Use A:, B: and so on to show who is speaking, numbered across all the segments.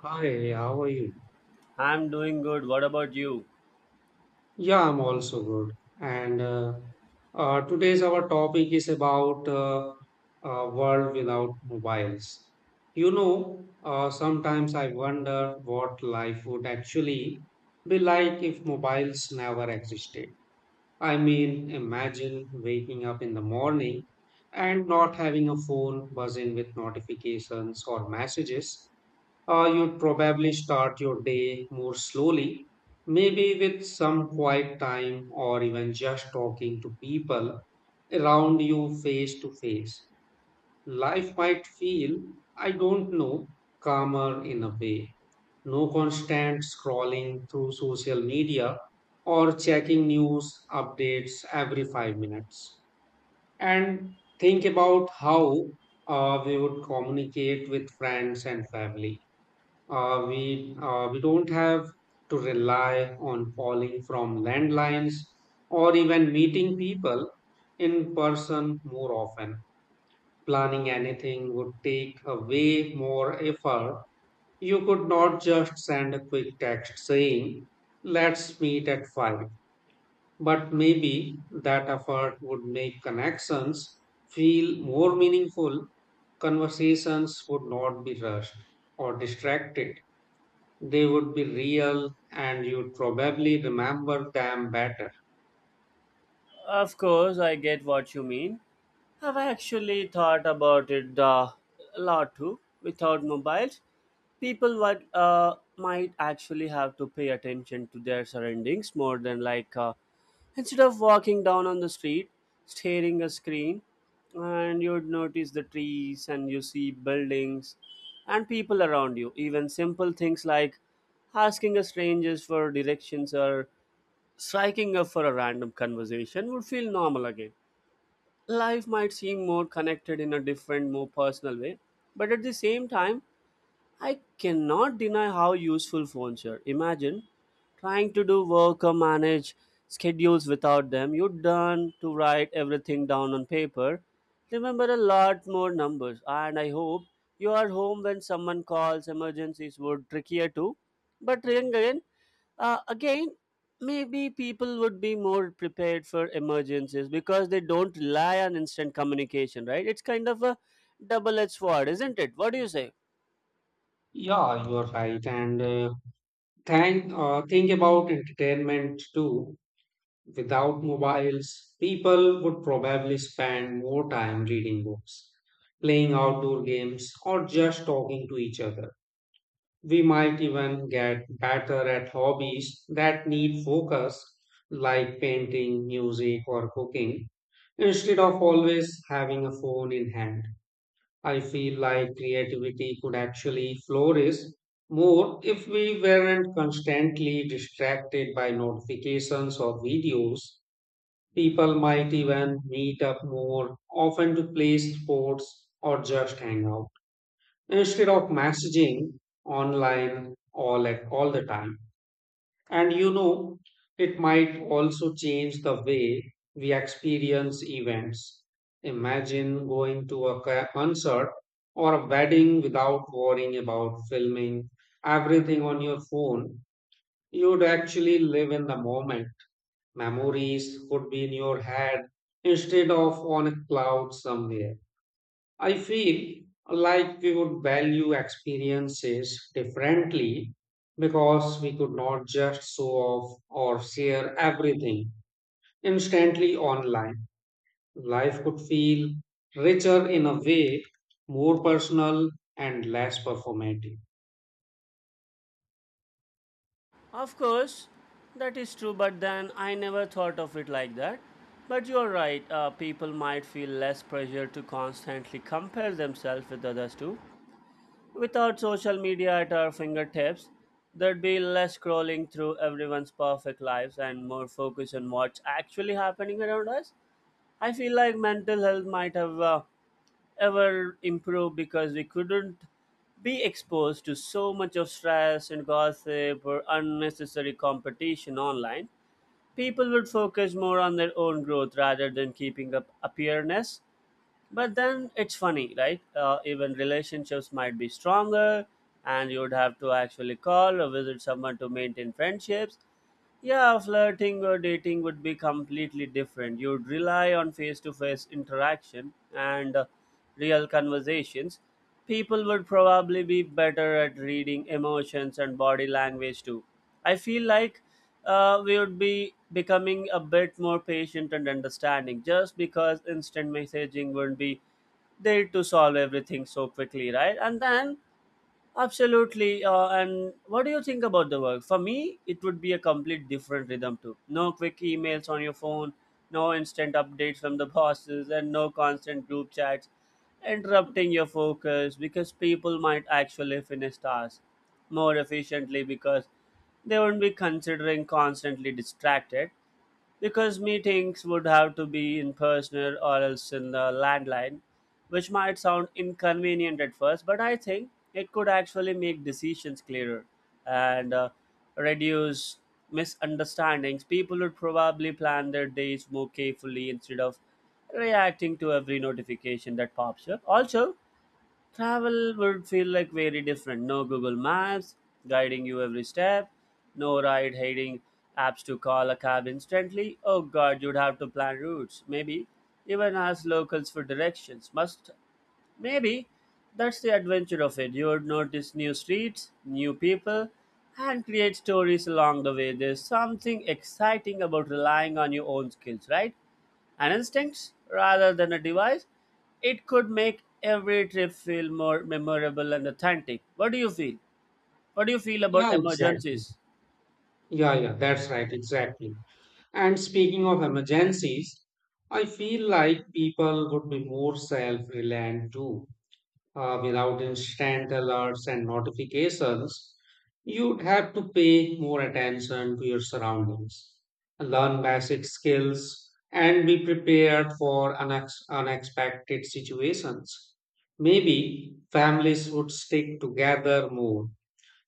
A: Hi, how are you?
B: I'm doing good. What about you?
A: Yeah, I'm also good. And today's our topic is about a world without mobiles. Sometimes I wonder what life would actually be like if mobiles never existed. I mean, imagine waking up in the morning and not having a phone buzzing with notifications or messages. You'd probably start your day more slowly, maybe with some quiet time or even just talking to people around you face to face. Life might feel, I don't know, calmer in a way. No constant scrolling through social media or checking news updates every 5 minutes. And think about how we would communicate with friends and family, we don't have to rely on calling from landlines or even meeting people in person more often. Planning anything would take a way more effort. You could not just send a quick text saying, "Let's meet at 5," but maybe that effort would make connections feel more meaningful. Conversations would not be rushed or distracted. They would be real and you'd probably remember them better.
B: Of course, I get what you mean. I've actually thought about it a lot too. Without mobiles, people would, might actually have to pay attention to their surroundings more than like instead of walking down on the street, staring a screen, and you'd notice the trees and you see buildings and people around you. Even simple things like asking a strangers for directions or striking up for a random conversation would feel normal again. Life might seem more connected in a different, more personal way, but at the same time, I cannot deny how useful phones are. Imagine trying to do work or manage schedules without them. You're done to write everything down on paper. Remember a lot more numbers, and I hope you are home when someone calls. Emergencies were trickier too, but ring again again maybe people would be more prepared for emergencies because they don't rely on instant communication, right? It's kind of a double-edged sword, isn't it? What do you say?
A: Yeah, you're right. And think about entertainment too. Without mobiles, people would probably spend more time reading books, playing outdoor games, or just talking to each other. We might even get better at hobbies that need focus, like painting, music, or cooking, instead of always having a phone in hand. I feel like creativity could actually flourish more if we weren't constantly distracted by notifications or videos. People might even meet up more often to play sports or just hang out instead of messaging online all the time. And you know, it might also change the way we experience events. Imagine going to a concert or a wedding without worrying about filming everything on your phone. You'd actually live in the moment. Memories would be in your head instead of on a cloud somewhere. I feel like we would value experiences differently because we could not just show off or share everything instantly online. Life could feel richer in a way, more personal and less performative.
B: Of course that is true, but then I never thought of it like that, but you're right. People might feel less pressure to constantly compare themselves with others too. Without social media at our fingertips, there'd be less scrolling through everyone's perfect lives and more focus on what's actually happening around us. I feel like mental health might have ever improved because we couldn't be exposed to so much of stress and gossip or unnecessary competition online. People would focus more on their own growth rather than keeping up appearance. But then it's funny, right? Even relationships might be stronger, and you'd have to actually call or visit someone to maintain friendships. Yeah, flirting or dating would be completely different. You'd rely on face to face interaction and real conversations. People would probably be better at reading emotions and body language too. I feel like we would be becoming a bit more patient and understanding just because instant messaging wouldn't be there to solve everything so quickly, right? And then absolutely. And what do you think about the work? For me, it would be a complete different rhythm too. No quick emails on your phone, no instant updates from the bosses, and no constant group chats interrupting your focus because people might actually finish tasks more efficiently because they won't be considering constantly distracted because meetings would have to be in person or else in the landline, which might sound inconvenient at first, but I think it could actually make decisions clearer and reduce misunderstandings. People would probably plan their days more carefully instead of reacting to every notification that pops up. Also, travel would feel like very different. No Google Maps guiding you every step, no ride hailing apps to call a cab instantly. Oh god, you'd have to plan routes, maybe even ask locals for directions. Must Maybe that's the adventure of it. You would notice new streets, new people, and create stories along the way. There's something exciting about relying on your own skills, right? And instincts rather than a device. It could make every trip feel more memorable and authentic. What do you feel about
A: Yeah, exactly.
B: emergencies?
A: Yeah, yeah, that's right, exactly. And speaking of emergencies, I feel like people would be more self reliant too. Without instant alerts and notifications, you'd have to pay more attention to your surroundings, learn basic skills, and be prepared for unexpected situations. Maybe families would stick together more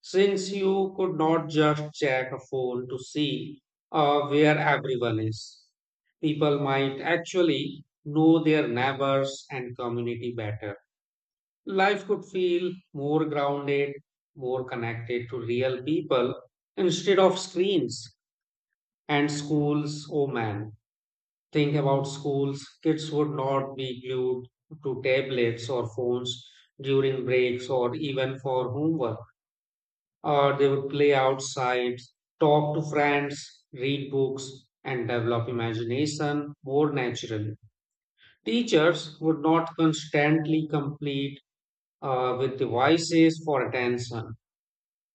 A: since you could not just check a phone to see where everyone is. People might actually know their neighbors and community better. Life could feel more grounded, more connected to real people instead of screens and schools. Oh man, think about schools. Kids would not be glued to tablets or phones during breaks or even for homework. Or they would play outside, talk to friends, read books, and develop imagination more naturally. Teachers would not constantly compete with devices for attention.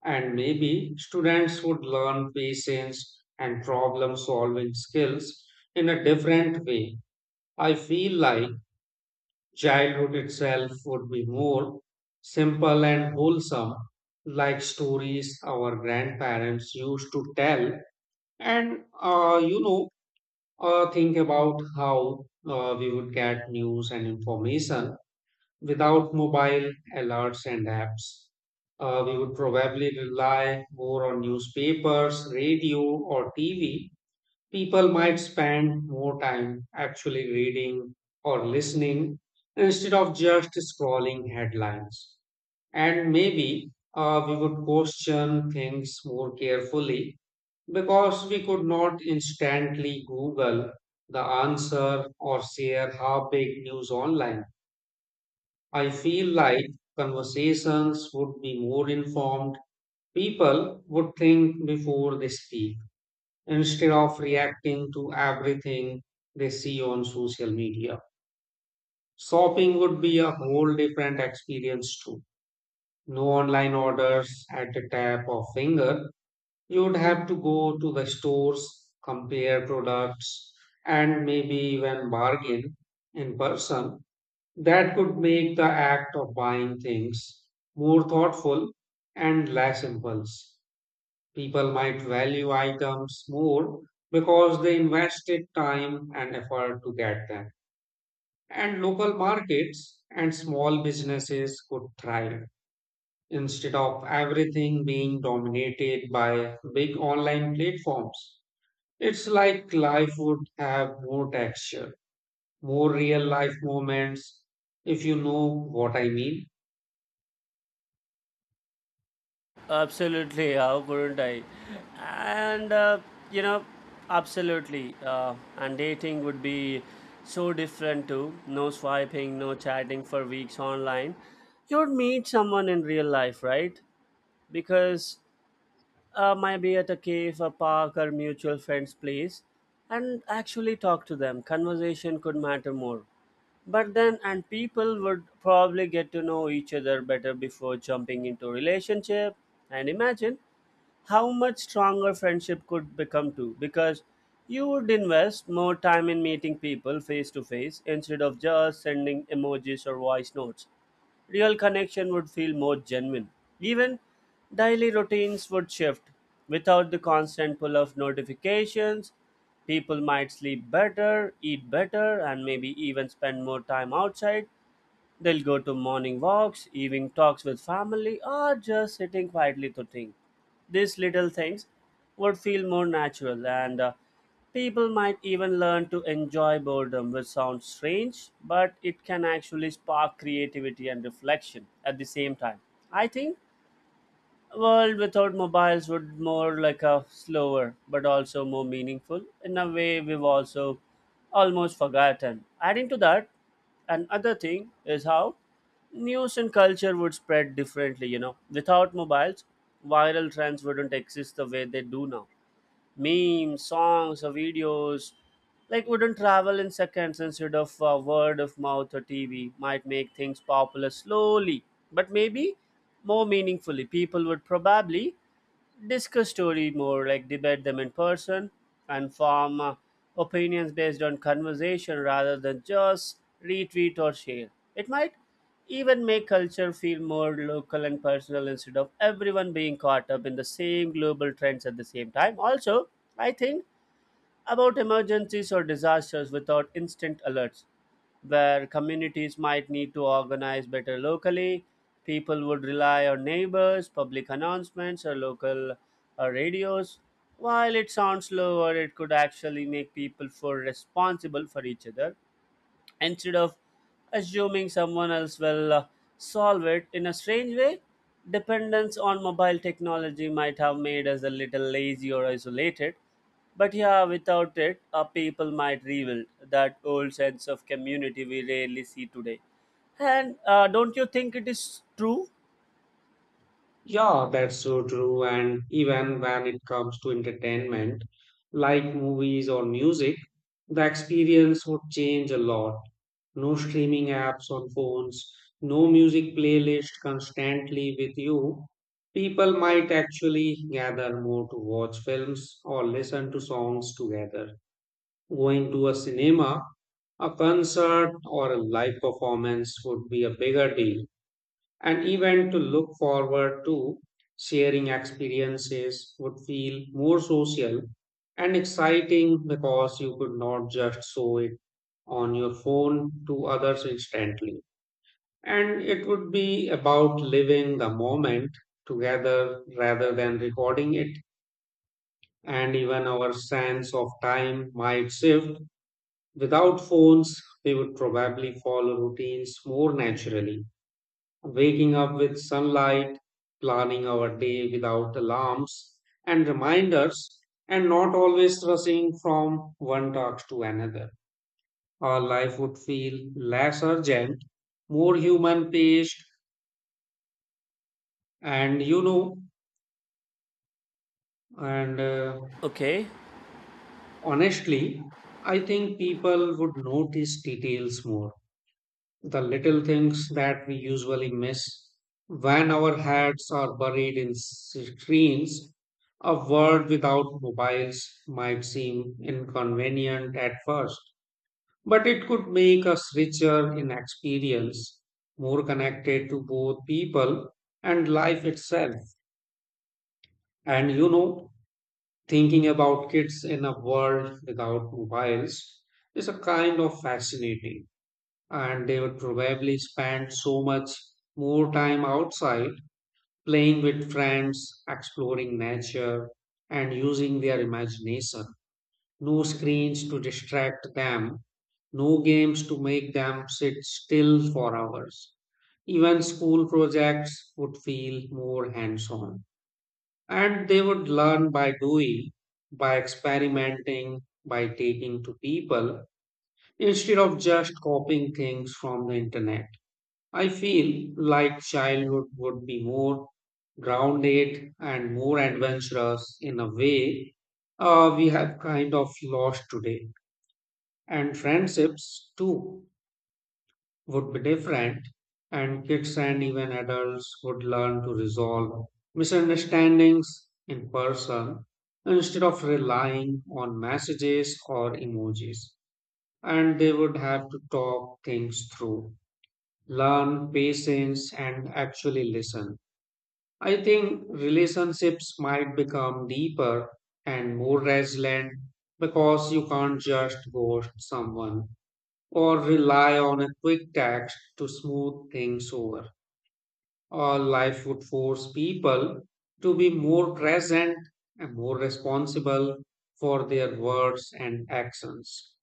A: And maybe students would learn patience and problem solving skills in a different way. I feel like childhood itself would be more simple and wholesome, like stories our grandparents used to tell. And, uh, you know, think about how we would get news and information. Without mobile alerts and apps, we would probably rely more on newspapers, radio, or TV. People might spend more time actually reading or listening instead of just scrolling headlines. And maybe we would question things more carefully because we could not instantly Google the answer or share how big news online. I feel like conversations would be more informed. People would think before they speak instead of reacting to everything they see on social media. Shopping would be a whole different experience too. No online orders at the tap of finger. You'd have to go to the stores, compare products, and maybe even bargain in person. That could make the act of buying things more thoughtful and less impulse. People might value items more because they invested time and effort to get them. And local markets and small businesses could thrive instead of everything being dominated by big online platforms. It's like life would have more texture, more real life moments, if you know what I mean.
B: Absolutely, how couldn't I? And uh, you know, Absolutely. And dating would be so different too. No swiping, no chatting for weeks online. You'd meet someone in real life, right? Because might be at a cave, a park, or mutual friend's place, and actually talk to them. Conversation could matter more. But then, and people would probably get to know each other better before jumping into relationship. And imagine how much stronger friendship could become too, because you would invest more time in meeting people face to face instead of just sending emojis or voice notes. Real connection would feel more genuine. Even daily routines would shift. Without the constant pull of notifications, people might sleep better, eat better, and maybe even spend more time outside. They'll go to morning walks, evening talks with family, or just sitting quietly to think. These little things would feel more natural, and people might even learn to enjoy boredom, which sounds strange, but it can actually spark creativity and reflection at the same time. I think world without mobiles would more like a slower but also more meaningful in a way we've also almost forgotten. Adding to that, another thing is how news and culture would spread differently, you know, without mobiles viral trends wouldn't exist the way they do now. Memes, songs, or videos, like wouldn't travel in seconds instead of word of mouth or TV. Might make things popular slowly, but maybe more meaningfully. People would probably discuss story more, like debate them in person and form opinions based on conversation rather than just retweet or share. It might even make culture feel more local and personal instead of everyone being caught up in the same global trends at the same time. Also, I think about emergencies or disasters without instant alerts, where communities might need to organize better locally. People would rely on neighbors, public announcements, or local radios. While it sounds slower, it could actually make people feel responsible for each other instead of assuming someone else will solve it. In a strange way, dependence on mobile technology might have made us a little lazy or isolated, but yeah, without it our people might rebuild that old sense of community we rarely see today. And Don't you think it is true?
A: Yeah, that's so true. And even when it comes to entertainment, like movies or music, the experience would change a lot. No streaming apps on phones, no music playlist constantly with you. People might actually gather more to watch films or listen to songs together. Going to a cinema, a concert, or a live performance would be a bigger deal and even to look forward to. Sharing experiences would feel more social and exciting because you could not just show it on your phone to others instantly, and it would be about living the moment together rather than recording it. And even our sense of time might shift. Without phones we would probably follow routines more naturally, waking up with sunlight, planning our day without alarms and reminders, and not always rushing from one task to another. Our life would feel less urgent, more human paced, and you know, and
B: Okay,
A: honestly, I think people would notice details more, the little things that we usually miss when our heads are buried in screens. A world without mobiles might seem inconvenient at first, but it could make us richer in experience, more connected to both people and life itself. And you know, thinking about kids in a world without mobiles is a kind of fascinating, and they would probably spend so much more time outside playing with friends, exploring nature, and using their imagination. No screens to distract them, no games to make them sit still for hours. Even school projects would feel more hands on. And they would learn by doing, by experimenting, by taking to people instead of just copying things from the internet. I feel like childhood would be more grounded and more adventurous in a way we have kind of lost today. And friendships too would be different, and kids and even adults would learn to resolve misunderstandings in person instead of relying on messages or emojis. And they would have to talk things through, learn patience and actually listen. I think relationships might become deeper and more resilient because you can't just ghost someone or rely on a quick text to smooth things over. Or life would force people to be more present and more responsible for their words and actions.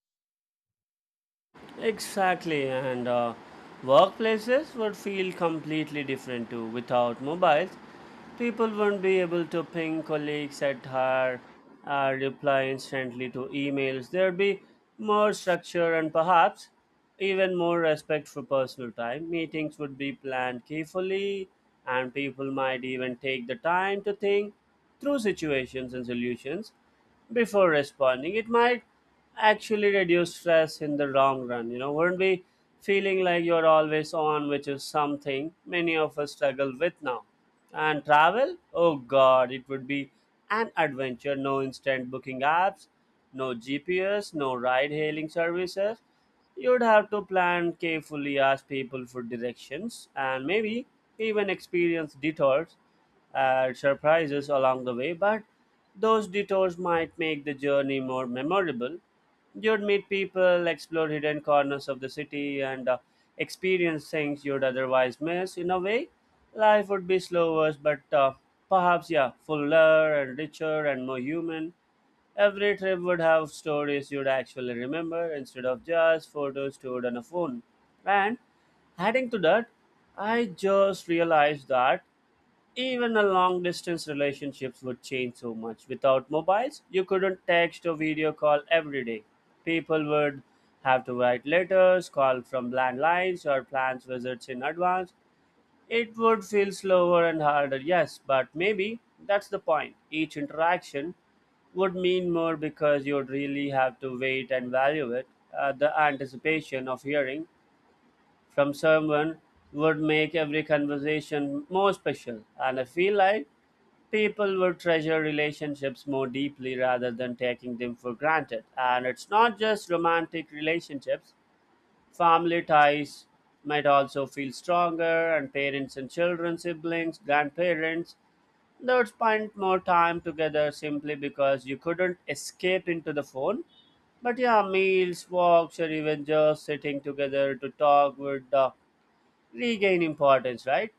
B: exactly. and Workplaces would feel completely different too. Without mobiles, people wouldn't be able to ping colleagues at her, reply instantly to emails. There'd be more structure and perhaps even more respect for personal time. Meetings would be planned carefully, and people might even take the time to think through situations and solutions before responding. It might actually reduce stress in the long run. You know, wouldn't be feeling like you're always on, which is something many of us struggle with now. And travel? Oh god, it would be an adventure. No instant booking apps, no GPS, no ride hailing services. You'd have to plan carefully, ask people for directions, and maybe even experience detours and surprises along the way, but those detours might make the journey more memorable. You'd meet people, explore hidden corners of the city, and experience things you'd otherwise miss. In a way, life would be slower, but perhaps, yeah, fuller and richer and more human. Every trip would have stories you'd actually remember instead of just photos stored on a phone. And adding to that, I just realized that even a long distance relationships would change so much. Without mobiles, you couldn't text or video call every day. People would have to write letters, call from landlines, or plan visits in advance. It would feel slower and harder, yes, but maybe that's the point. Each interaction would mean more because you'd really have to wait and value it. The anticipation of hearing from someone would make every conversation more special. And I feel like people will treasure relationships more deeply rather than taking them for granted. And it's not just romantic relationships, family ties might also feel stronger, and parents and children, siblings, grandparents, they would spend more time together simply because you couldn't escape into the phone. But yeah, meals, walks, or even just sitting together to talk would regain importance, right?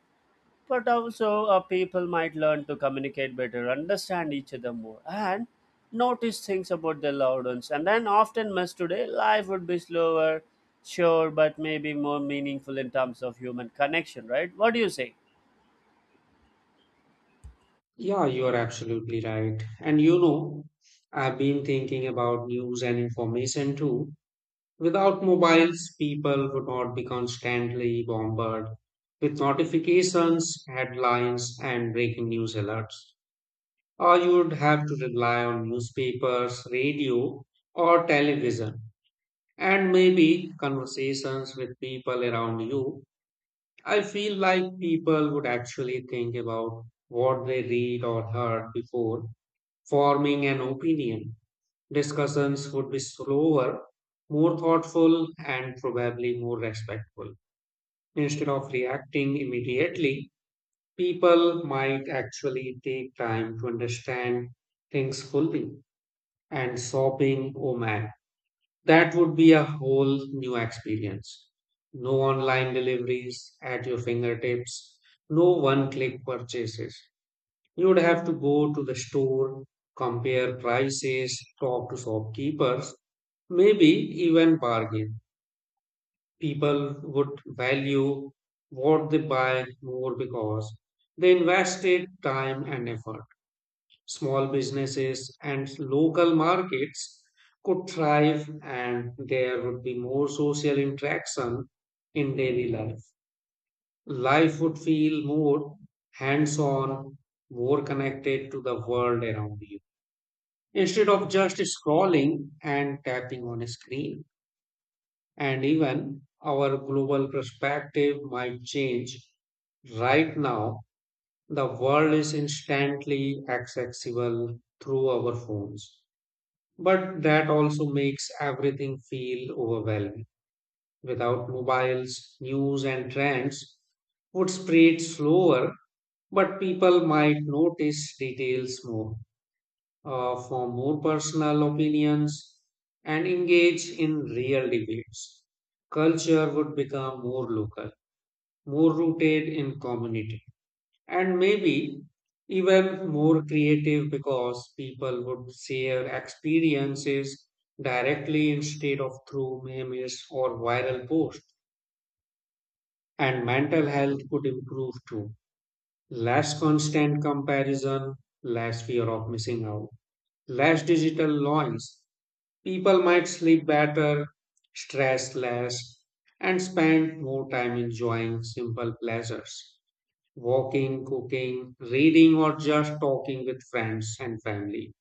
B: But also people might learn to communicate better, understand each other more and notice things about their loved ones and then often miss today. Life would be slower, sure, but maybe more meaningful in terms of human connection, right? What do you say?
A: Yeah, you are absolutely right. And you know, I've been thinking about news and information too. Without mobiles, people would not be constantly bombarded with notifications, headlines, and breaking news alerts. Or you would have to rely on newspapers, radio, or television, and maybe conversations with people around you. I feel like people would actually think about what they read or heard before forming an opinion. Discussions would be slower, more thoughtful, and probably more respectful. Instead of reacting immediately, people might actually take time to understand things fully. And shopping, oh man, that would be a whole new experience. No online deliveries at your fingertips, no one click purchases. You would have to go to the store, compare prices, talk to shopkeepers, maybe even bargain. People would value what they buy more because they invested time and effort. Small businesses and local markets could thrive, and there would be more social interaction in daily life. Life would feel more hands on, more connected to the world around you, instead of just scrolling and tapping on a screen. And even our global perspective might change. Right now, the world is instantly accessible through our phones, but that also makes everything feel overwhelming. Without mobiles, news and trends would spread slower, but people might notice details more, form more personal opinions, and engage in real debates. Culture would become more local, more rooted in community, and maybe even more creative because people would share experiences directly instead of through memes or viral posts. And mental health could improve too. Less constant comparison, less fear of missing out, less digital noise. People might sleep better, stress less, and spend more time enjoying simple pleasures, walking, cooking, reading, or just talking with friends and family.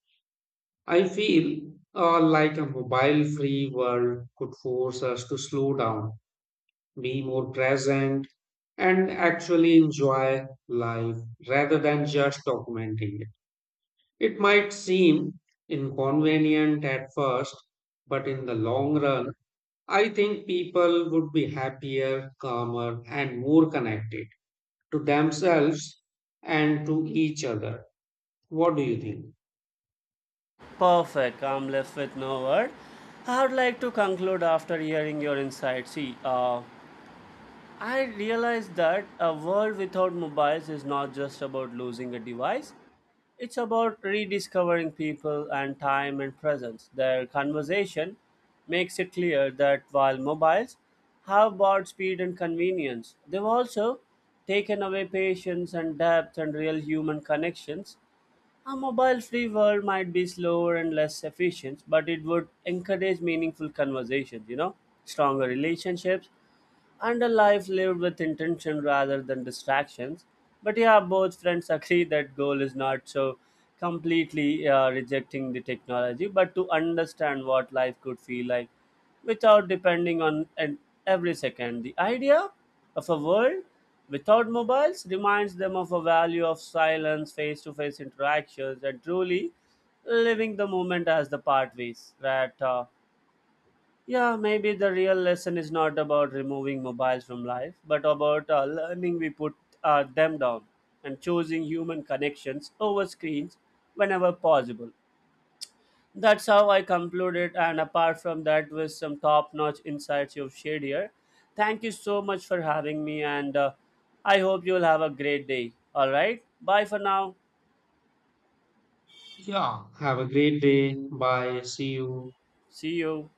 A: I feel like a mobile free world could force us to slow down, be more present, and actually enjoy life rather than just documenting it. It might seem inconvenient at first, but in the long run, I think people would be happier, calmer, and more connected to themselves and to each other. What do you think?
B: Perfect, I'm left with no word. I would like to conclude after hearing your insight. See, I realized that a world without mobiles is not just about losing a device. It's about rediscovering people and time and presence. Their conversation makes it clear that while mobiles have brought speed and convenience, they've also taken away patience and depth and real human connections. A mobile free world might be slower and less efficient, but it would encourage meaningful conversations, you know, stronger relationships and a life lived with intention rather than distractions. But yeah, both friends agree that goal is not so completely rejecting the technology, but to understand what life could feel like without depending on and every second. The idea of a world without mobiles reminds them of a value of silence, face-to-face interactions, and truly living the moment as the pathways that. Yeah, maybe the real lesson is not about removing mobiles from life, but about learning we put them down and choosing human connections over screens whenever possible. That's how I concluded, and apart from that, with some top notch insights you've shared here. Thank you so much for having me, and I hope you'll have a great day. All right, bye for now.
A: Yeah, have a great day. Bye. See you.
B: See you.